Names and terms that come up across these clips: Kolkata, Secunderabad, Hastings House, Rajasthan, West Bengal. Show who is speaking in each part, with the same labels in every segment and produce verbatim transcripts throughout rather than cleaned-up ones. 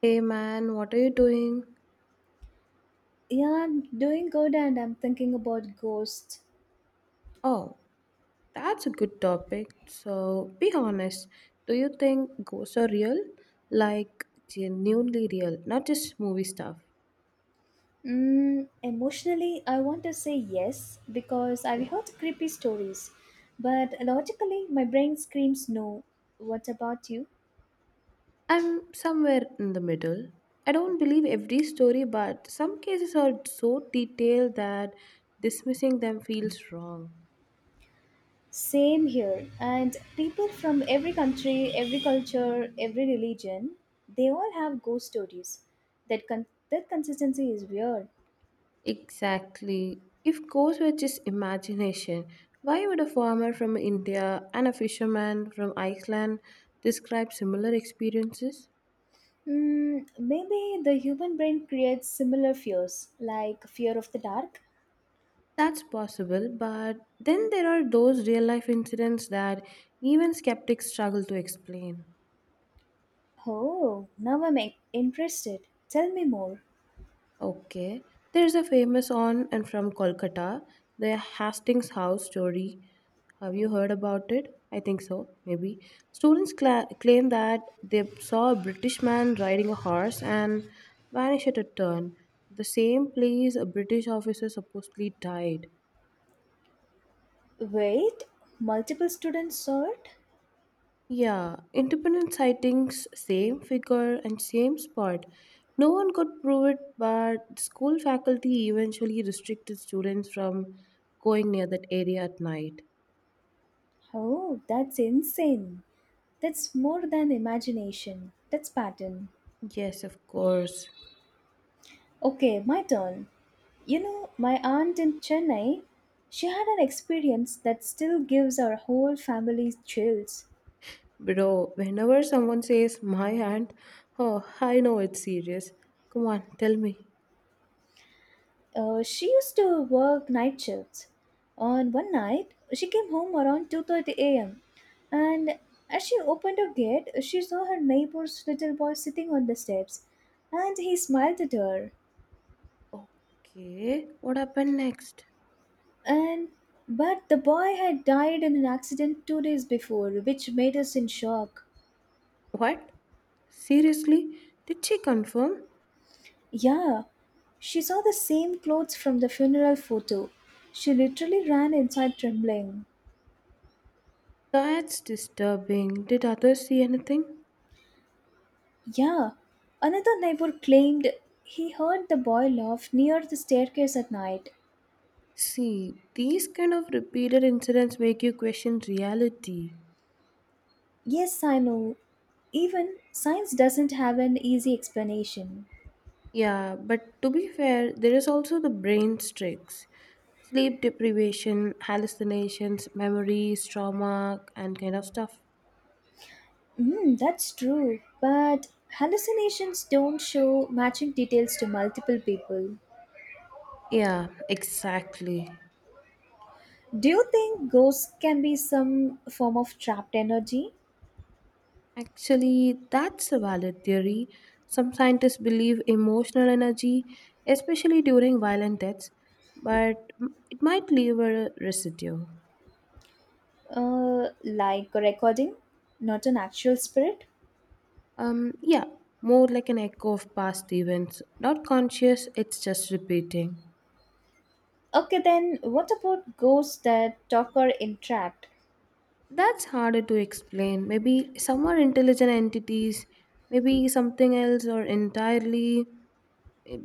Speaker 1: Hey man, what are you doing?
Speaker 2: Yeah, I'm doing good and I'm thinking about ghosts.
Speaker 1: Oh, that's a good topic. So, be honest. Do you think ghosts are real? Like, genuinely real, not just movie stuff.
Speaker 2: Mm, emotionally, I want to say yes because I've heard creepy stories, but logically, my brain screams no. What about you?
Speaker 1: I'm somewhere in the middle. I don't believe every story, but some cases are so detailed that dismissing them feels wrong.
Speaker 2: Same here. And people from every country, every culture, every religion, they all have ghost stories. That, con- that consistency is weird.
Speaker 1: Exactly. If goes were just imagination, why would a farmer from India and a fisherman from Iceland describe similar experiences?
Speaker 2: Mm, maybe the human brain creates similar fears, like fear of the dark.
Speaker 1: That's possible, but then there are those real life incidents that even skeptics struggle to explain.
Speaker 2: Oh, now I'm in- interested. Tell me more.
Speaker 1: Okay. There's a famous on and from Kolkata, the Hastings House story. Have you heard about it? I think so, maybe. Students cla claim that they saw a British man riding a horse and vanished at a turn, the same place a British officer supposedly died.
Speaker 2: Wait, multiple students saw it?
Speaker 1: Yeah, independent sightings, same figure and same spot. No one could prove it, but school faculty eventually restricted students from going near that area at night.
Speaker 2: Oh, that's insane. That's more than imagination. That's pattern.
Speaker 1: Yes, of course.
Speaker 2: Okay, my turn. You know, my aunt in Chennai, she had an experience that still gives our whole family chills.
Speaker 1: Bro, whenever someone says my aunt, oh, I know it's serious. Come on, tell me.
Speaker 2: Uh, she used to work night shifts. On one night, she came home around two thirty a m and as she opened her gate, she saw her neighbor's little boy sitting on the steps, and he smiled at her.
Speaker 1: Okay, what happened next?
Speaker 2: And But the boy had died in an accident two days before, which made us in shock.
Speaker 1: What? Seriously? Did she confirm?
Speaker 2: Yeah, she saw the same clothes from the funeral photo. She literally ran inside trembling.
Speaker 1: That's disturbing. Did others see anything?
Speaker 2: Yeah, another neighbor claimed he heard the boy laugh near the staircase at night.
Speaker 1: See, these kind of repeated incidents make you question reality.
Speaker 2: Yes, I know. Even science doesn't have an easy explanation.
Speaker 1: Yeah, but to be fair, there is also the brain's tricks. Sleep deprivation, hallucinations, memories, trauma, and kind of stuff.
Speaker 2: Mm, that's true, but hallucinations don't show matching details to multiple people.
Speaker 1: Yeah, exactly.
Speaker 2: Do you think ghosts can be some form of trapped energy?
Speaker 1: Actually, that's a valid theory. Some scientists believe emotional energy, especially during violent deaths, but it might leave a residue.
Speaker 2: Uh, like a recording, not an actual spirit?
Speaker 1: Um, yeah, more like an echo of past events. Not conscious, it's just repeating.
Speaker 2: Okay, then what about ghosts that talk or interact?
Speaker 1: That's harder to explain. Maybe some are intelligent entities, maybe something else, or entirely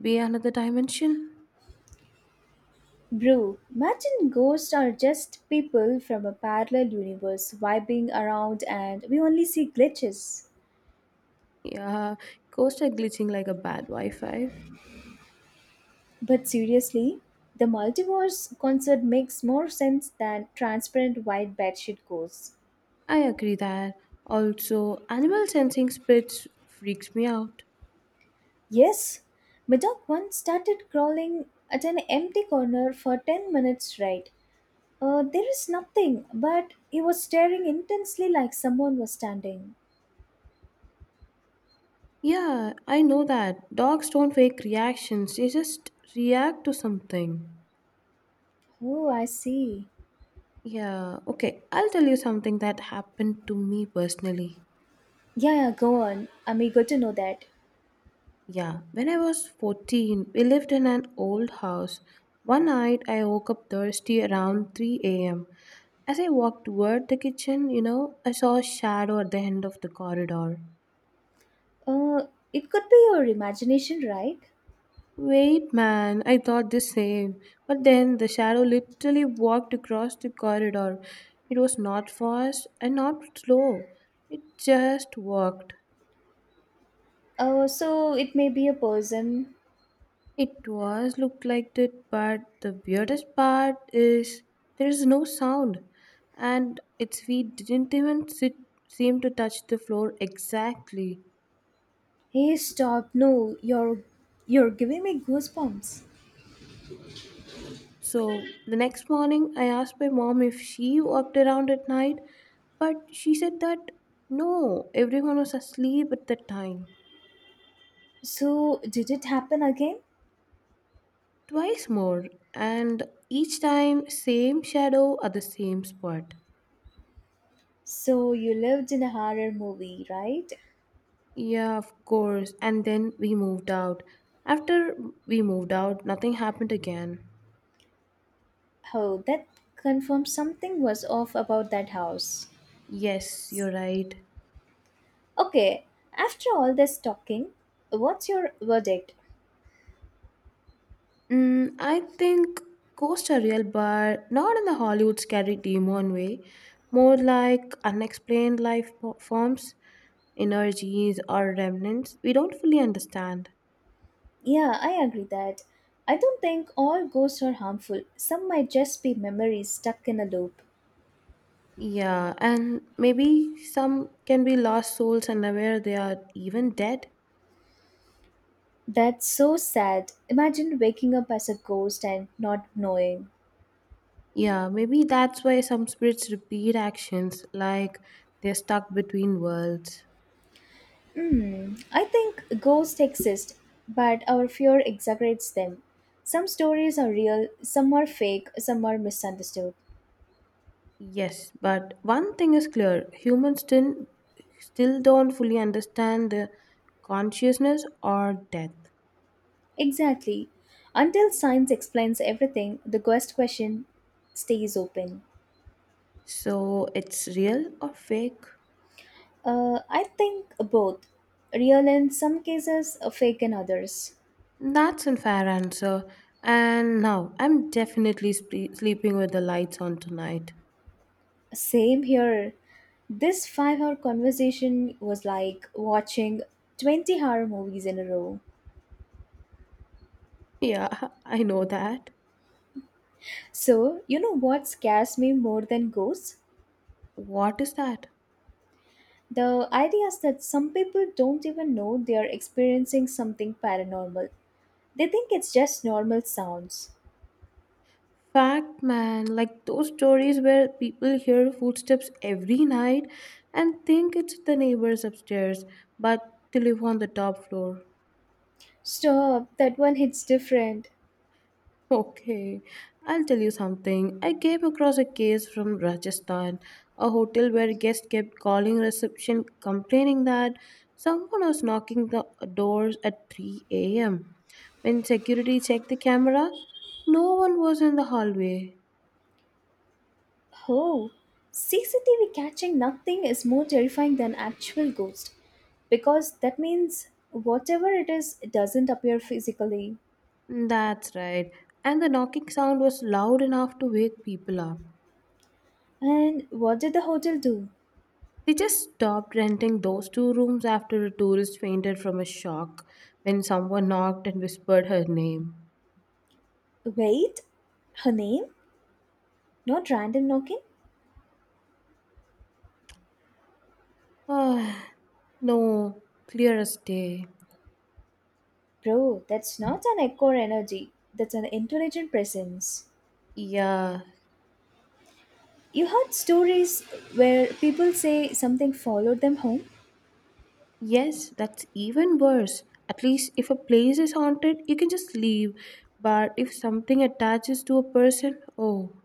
Speaker 1: be another dimension.
Speaker 2: Bro, imagine ghosts are just people from a parallel universe vibing around and we only see glitches.
Speaker 1: Yeah, ghosts are glitching like a bad Wi Fi.
Speaker 2: But seriously, the multiverse concept makes more sense than transparent white bedsheet ghosts.
Speaker 1: I agree that. Also, animal sensing spirits freaks me out.
Speaker 2: Yes, my dog once started crawling at an empty corner for ten minutes right. Uh, there is nothing, but he was staring intensely like someone was standing.
Speaker 1: Yeah, I know that. Dogs don't fake reactions, they just react to something.
Speaker 2: Oh, I see.
Speaker 1: Yeah, okay. I'll tell you something that happened to me personally.
Speaker 2: Yeah, yeah, go on. I'm eager to know that.
Speaker 1: Yeah, when I was fourteen, we lived in an old house. One night, I woke up thirsty around three a m. As I walked toward the kitchen, you know, I saw a shadow at the end of the corridor.
Speaker 2: Uh, it could be your imagination, right?
Speaker 1: Wait, man, I thought the same. But then the shadow literally walked across the corridor. It was not fast and not slow, it just walked.
Speaker 2: Uh, so it may be a person.
Speaker 1: It was looked like it, but the weirdest part is there is no sound, and its feet didn't even sit, seem to touch the floor exactly.
Speaker 2: Hey, stop! No, you're you're giving me goosebumps.
Speaker 1: So the next morning, I asked my mom if she walked around at night, but she said that no, everyone was asleep at that time.
Speaker 2: So did it happen again?
Speaker 1: Twice more, and each time, same shadow at the same spot.
Speaker 2: So you lived in a horror movie, right?
Speaker 1: Yeah, of course. And then we moved out. After we moved out, nothing happened again.
Speaker 2: Oh, that confirms something was off about that house.
Speaker 1: Yes, you're right.
Speaker 2: Okay, after all this talking, what's your verdict?
Speaker 1: Mm, I think ghosts are real, but not in the Hollywood scary demon way. More like unexplained life po- forms, energies, or remnants we don't fully understand.
Speaker 2: Yeah, I agree that. I don't think all ghosts are harmful. Some might just be memories stuck in a loop.
Speaker 1: Yeah, and maybe some can be lost souls and aware they are even dead.
Speaker 2: That's so sad. Imagine waking up as a ghost and not knowing.
Speaker 1: Yeah, maybe that's why some spirits repeat actions like they're stuck between worlds.
Speaker 2: Hmm, I think ghosts exist, but our fear exaggerates them. Some stories are real, some are fake, some are misunderstood.
Speaker 1: Yes, but one thing is clear humans still, still don't fully understand the consciousness or death.
Speaker 2: Exactly. Until science explains everything, the ghost question stays open.
Speaker 1: So it's real or fake?
Speaker 2: Uh, I think both. Real in some cases, fake in others.
Speaker 1: That's a fair answer. And now I'm definitely sp- sleeping with the lights on tonight.
Speaker 2: Same here. This five hour conversation was like watching twenty horror movies in a row.
Speaker 1: Yeah, I know that.
Speaker 2: So, you know what scares me more than ghosts?
Speaker 1: What is that?
Speaker 2: The idea is that some people don't even know they are experiencing something paranormal. They think it's just normal sounds.
Speaker 1: Fact, man, like those stories where people hear footsteps every night and think it's the neighbors upstairs, but they live on the top floor.
Speaker 2: Stop, that one hits different.
Speaker 1: Okay, I'll tell you something. I came across a case from Rajasthan, a hotel where guests kept calling reception complaining that someone was knocking the doors at three a m. When security checked the camera, no one was in the hallway.
Speaker 2: Oh, C C T V catching nothing is more terrifying than actual ghost because that means whatever is it is doesn't appear physically.
Speaker 1: That's right. And the knocking sound was loud enough to wake people up.
Speaker 2: And what did the hotel do?
Speaker 1: They just stopped renting those two rooms after a tourist fainted from a shock when someone knocked and whispered her name.
Speaker 2: Wait, her name? Not random knocking?
Speaker 1: Ah, no, clear as day.
Speaker 2: Bro, that's not an echo or energy. That's an intelligent presence.
Speaker 1: Yeah,
Speaker 2: You heard stories where people say something followed them home?
Speaker 1: yes, that's even worse. At least if a place is haunted, you can just leave. But if something attaches to a person, oh,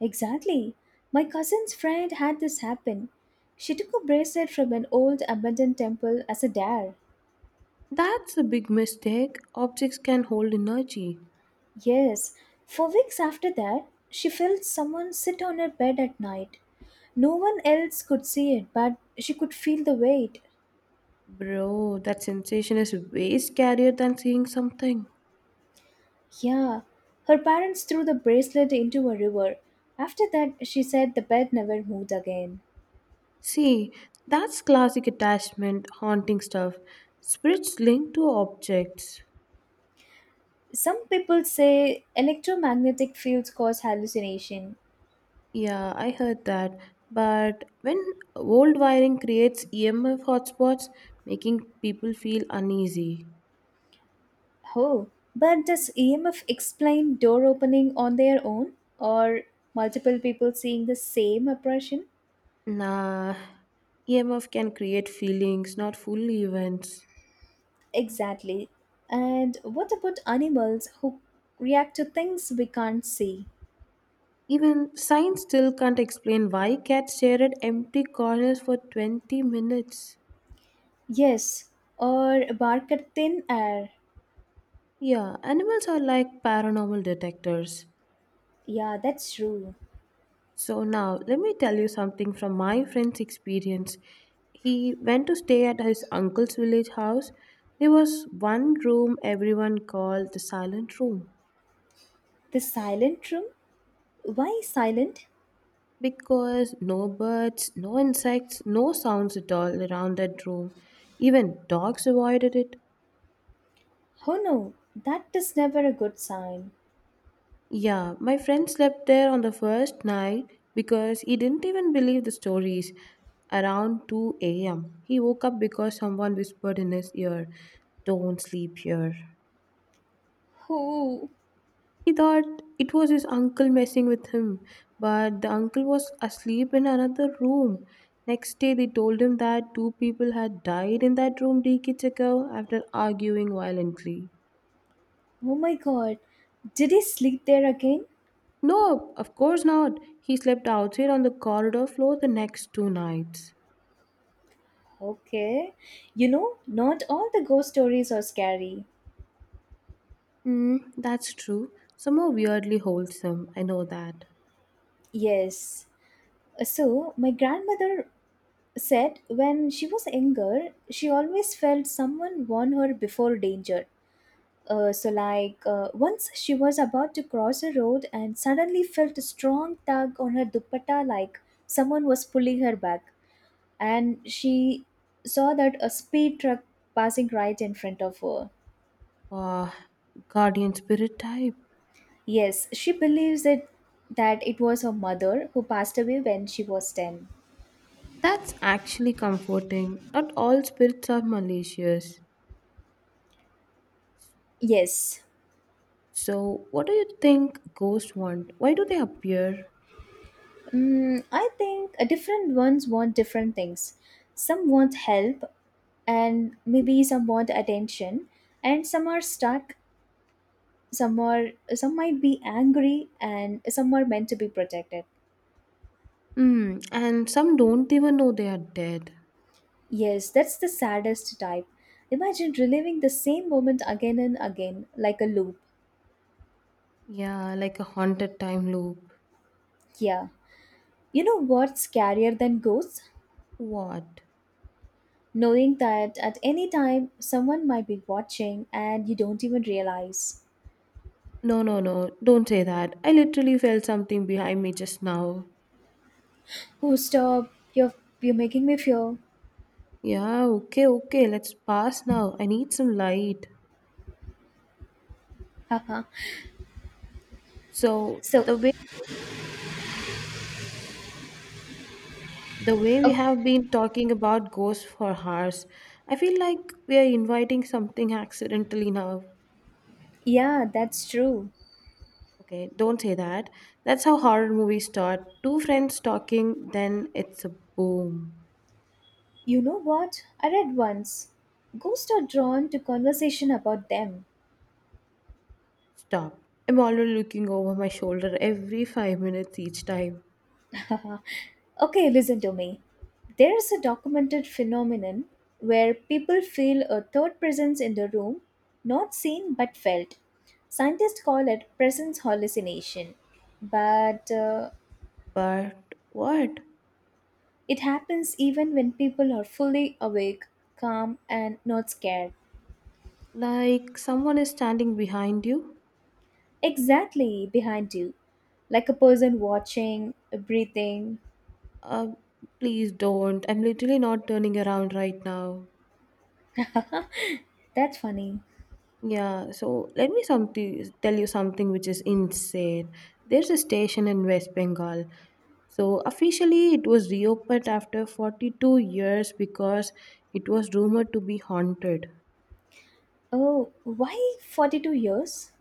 Speaker 2: Exactly. My cousin's friend had this happen. She took a bracelet from an old abandoned temple as a dare.
Speaker 1: that's a big mistake. Objects can hold energy.
Speaker 2: Yes, for weeks after that, she felt someone sit on her bed at night. No one else could see it, but she could feel the weight.
Speaker 1: Bro, that sensation is way scarier than seeing something.
Speaker 2: Yeah, her parents threw the bracelet into a river. After that, she said the bed never moved again.
Speaker 1: See, that's classic attachment, haunting stuff. Spirits linked to objects.
Speaker 2: Some people say electromagnetic fields cause hallucination.
Speaker 1: Yeah, I heard that. But when old wiring creates E M F hotspots, making people feel uneasy.
Speaker 2: Oh, but does E M F explain door opening on their own or multiple people seeing the same apparition?
Speaker 1: Nah, E M F can create feelings, not full events.
Speaker 2: Exactly. And what about animals who react to things we can't see?
Speaker 1: Even science still can't explain why cats stare at empty corners for twenty minutes.
Speaker 2: Yes, or bark at thin air.
Speaker 1: Yeah, animals are like paranormal detectors.
Speaker 2: Yeah, that's true.
Speaker 1: So now, let me tell you something from my friend's experience. He went to stay at his uncle's village house. There was one room everyone called the silent room
Speaker 2: The silent room? Why silent?
Speaker 1: because no birds, no insects, no sounds at all around that room. Even dogs avoided it.
Speaker 2: Oh no, that is never a good sign.
Speaker 1: Yeah, my friend slept there on the first night because he didn't even believe the stories. Around two a m, he woke up because someone whispered in his ear, Don't sleep here.
Speaker 2: Oh,
Speaker 1: He thought it was his uncle messing with him, but the uncle was asleep in another room. Next day, they told him that two people had died in that room decades ago after arguing violently.
Speaker 2: oh my god, did he sleep there again?
Speaker 1: No, of course not. He slept outside on the corridor floor the next two nights.
Speaker 2: Okay. You know, not all the ghost stories are scary.
Speaker 1: Mm, that's true. Some are weirdly wholesome. I know that.
Speaker 2: Yes. So, my grandmother said when she was younger, she always felt someone warned her before danger. Uh, so, like, uh, once she was about to cross a road and suddenly felt a strong tug on her dupatta, like someone was pulling her back. And she saw that a speed truck passing right in front of her.
Speaker 1: Ah, guardian spirit type.
Speaker 2: Yes, she believes it, that it was her mother who passed away when she was ten.
Speaker 1: That's actually comforting. Not all spirits are malicious.
Speaker 2: Yes.
Speaker 1: So, what do you think ghosts want? Why do they appear?
Speaker 2: Mm, I think uh, different ones want different things. Some want help, and maybe some want attention, and some are stuck. Some are some might be angry, and some are meant to be protected.
Speaker 1: Hmm, and some don't even know they are dead.
Speaker 2: Yes, that's the saddest type. Imagine reliving the same moment again and again, like a loop.
Speaker 1: Yeah, like a haunted time loop.
Speaker 2: Yeah. You know what's scarier than ghosts?
Speaker 1: What?
Speaker 2: Knowing that at any time someone might be watching and you don't even realize.
Speaker 1: No, no, no. Don't say that. I literally felt something behind me just now.
Speaker 2: Oh, stop. You're you're making me feel.
Speaker 1: Yeah, okay, okay. Let's pass now. I need some light.
Speaker 2: Haha.
Speaker 1: So
Speaker 2: So,
Speaker 1: the way the way
Speaker 2: uh,
Speaker 1: we have been talking about ghosts for hours, I feel like we are inviting something accidentally now.
Speaker 2: yeah, that's true.
Speaker 1: Okay, don't say that. That's how horror movies start. Two friends talking, then it's a boom.
Speaker 2: You know what? I read once. Ghosts are drawn to conversation about them.
Speaker 1: Stop. I'm already looking over my shoulder every five minutes each time.
Speaker 2: Okay, listen to me. There is a documented phenomenon where people feel a third presence in the room, not seen but felt. Scientists call it presence hallucination, but uh,
Speaker 1: But what?
Speaker 2: it happens even when people are fully awake, calm, and not scared.
Speaker 1: Like someone is standing behind you?
Speaker 2: Exactly behind you, like a person watching, breathing.
Speaker 1: Uh, Please don't. I'm literally not turning around right now.
Speaker 2: That's funny.
Speaker 1: Yeah, so let me something tell you something which is insane. There's a station in West Bengal. So officially it was reopened after forty-two years because it was rumored to be haunted.
Speaker 2: Oh, why forty-two years?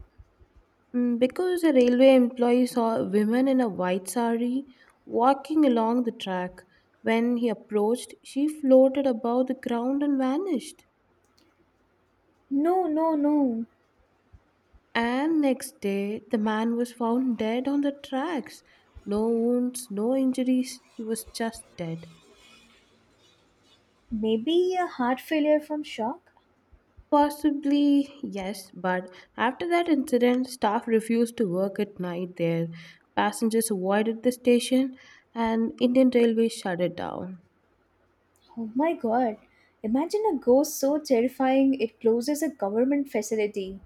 Speaker 1: Mm, because a railway employee saw a woman in a white sari walking along the track. When he approached, she floated above the ground and vanished.
Speaker 2: No, no, no.
Speaker 1: And next day, the man was found dead on the tracks. No wounds, no injuries, he was just dead.
Speaker 2: Maybe a heart failure from shock?
Speaker 1: Possibly, yes, but after that incident, staff refused to work at night there. Passengers avoided the station, and Indian Railways shut it down.
Speaker 2: Oh my god. Imagine a ghost so terrifying it closes a government facility.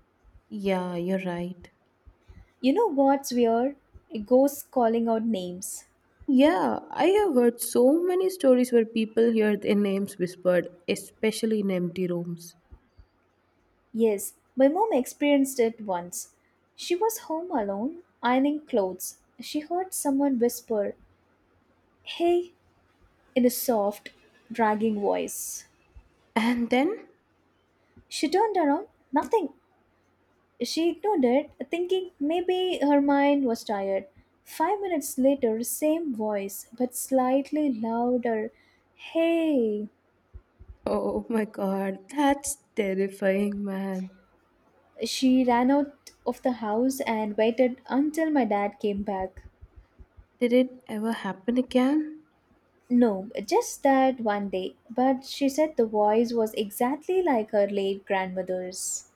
Speaker 1: Yeah, you're right.
Speaker 2: You know what's weird? Ghosts calling out names.
Speaker 1: Yeah, I have heard so many stories where people hear their names whispered, especially in empty rooms.
Speaker 2: Yes, my mom experienced it once. She was home alone, ironing clothes. She heard someone whisper, "Hey," in a soft, dragging voice.
Speaker 1: And then?
Speaker 2: She turned around. Nothing. She ignored it, thinking maybe her mind was tired. Five minutes later, same voice, but slightly louder. "Hey!"
Speaker 1: Oh my god, that's terrifying, man.
Speaker 2: She ran out of the house and waited until my dad came back.
Speaker 1: Did it ever happen again?
Speaker 2: No, just that one day. But she said the voice was exactly like her late grandmother's.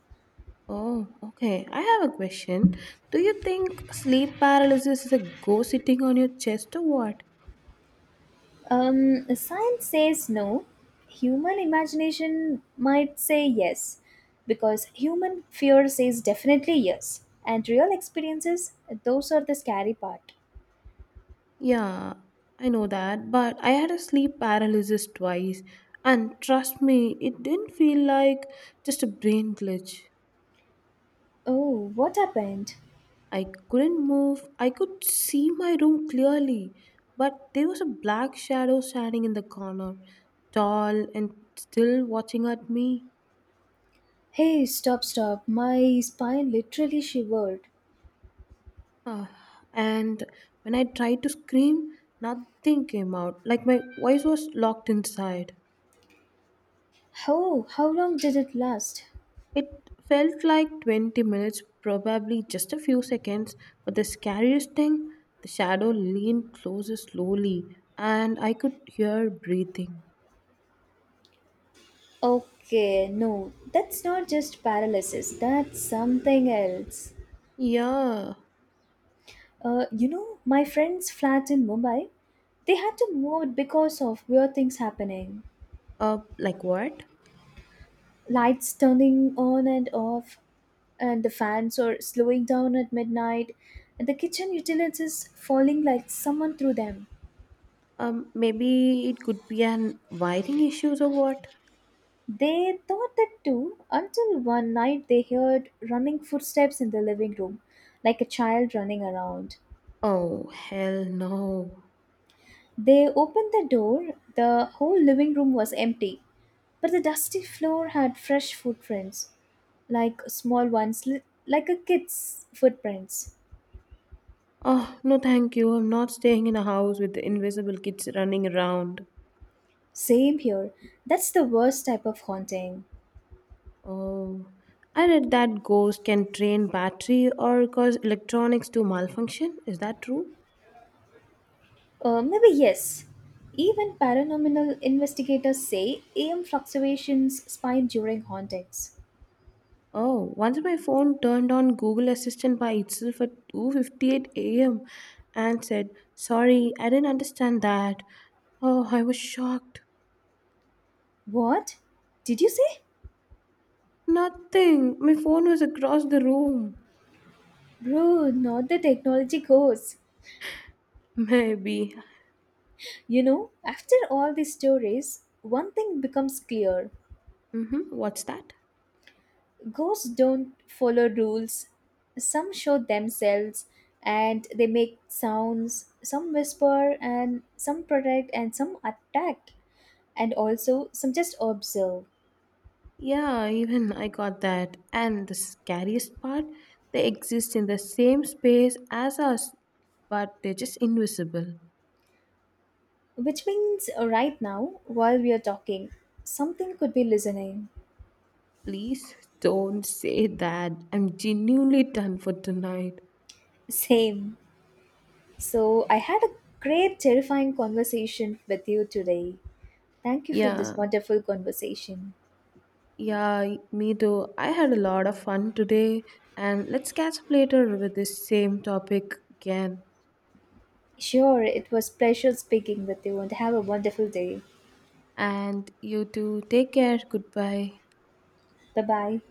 Speaker 1: Oh, okay. I have a question. Do you think sleep paralysis is a ghost sitting on your chest or what?
Speaker 2: Um, science says no. Human imagination might say yes, because human fear says definitely yes. And real experiences, those are the scary part.
Speaker 1: Yeah, I know that, but I had a sleep paralysis twice, and trust me, it didn't feel like just a brain glitch.
Speaker 2: Oh, what happened?
Speaker 1: I couldn't move. I could see my room clearly, but there was a black shadow standing in the corner, tall and still watching at me.
Speaker 2: Hey, stop, stop. My spine literally shivered.
Speaker 1: Ah, and when I tried to scream, nothing came out, like my voice was locked inside.
Speaker 2: Oh, how long did it last?
Speaker 1: It felt like twenty minutes, probably just a few seconds, but the scariest thing, the shadow leaned closer slowly, and I could hear breathing.
Speaker 2: Okay, no, that's not just paralysis, that's something else.
Speaker 1: Yeah,
Speaker 2: Uh, you know, my friend's flat in Mumbai, they had to move it because of weird things happening.
Speaker 1: Uh, like what?
Speaker 2: Lights turning on and off, and the fans are slowing down at midnight, and the kitchen utilities falling like someone threw them.
Speaker 1: Um, maybe it could be an wiring issues or what?
Speaker 2: They thought that too until one night they heard running footsteps in the living room, like a child running around.
Speaker 1: Oh, hell no.
Speaker 2: They opened the door, the whole living room was empty, but the dusty floor had fresh footprints. like small ones, li- like a kid's footprints.
Speaker 1: Oh, no thank you. I'm not staying in a house with the invisible kids running around.
Speaker 2: Same here. That's the worst type of haunting.
Speaker 1: Oh, I read that ghost can drain battery or cause electronics to malfunction. Is that true?
Speaker 2: Uh, maybe yes. Even paranormal investigators say A M fluctuations spine during hauntings.
Speaker 1: Oh, once my phone turned on Google Assistant by itself at two fifty-eight a m and said, "Sorry, I didn't understand that." Oh, I was shocked.
Speaker 2: What? Did you say?
Speaker 1: Nothing. My phone was across the room.
Speaker 2: Bro, not the technology goes.
Speaker 1: Maybe.
Speaker 2: You know, after all these stories, one thing becomes clear.
Speaker 1: Mm-hmm. What's that?
Speaker 2: Ghosts don't follow rules. Some show themselves and they make sounds. Some whisper and some protect and some attack. And also, some just observe.
Speaker 1: Yeah, even I got that. And the scariest part, they exist in the same space as us, but they're just invisible.
Speaker 2: Which means, uh, right now, while we are talking, something could be listening.
Speaker 1: Please don't say that. I'm genuinely done for tonight.
Speaker 2: Same. So, I had a great, terrifying conversation with you today. Thank you for this
Speaker 1: Yeah,
Speaker 2: wonderful conversation.
Speaker 1: yeah, me too. I had a lot of fun today, and let's catch up later with this same topic again.
Speaker 2: Sure, it was pleasure speaking with you and have a wonderful day.
Speaker 1: And you too, take care. Goodbye.
Speaker 2: Bye bye.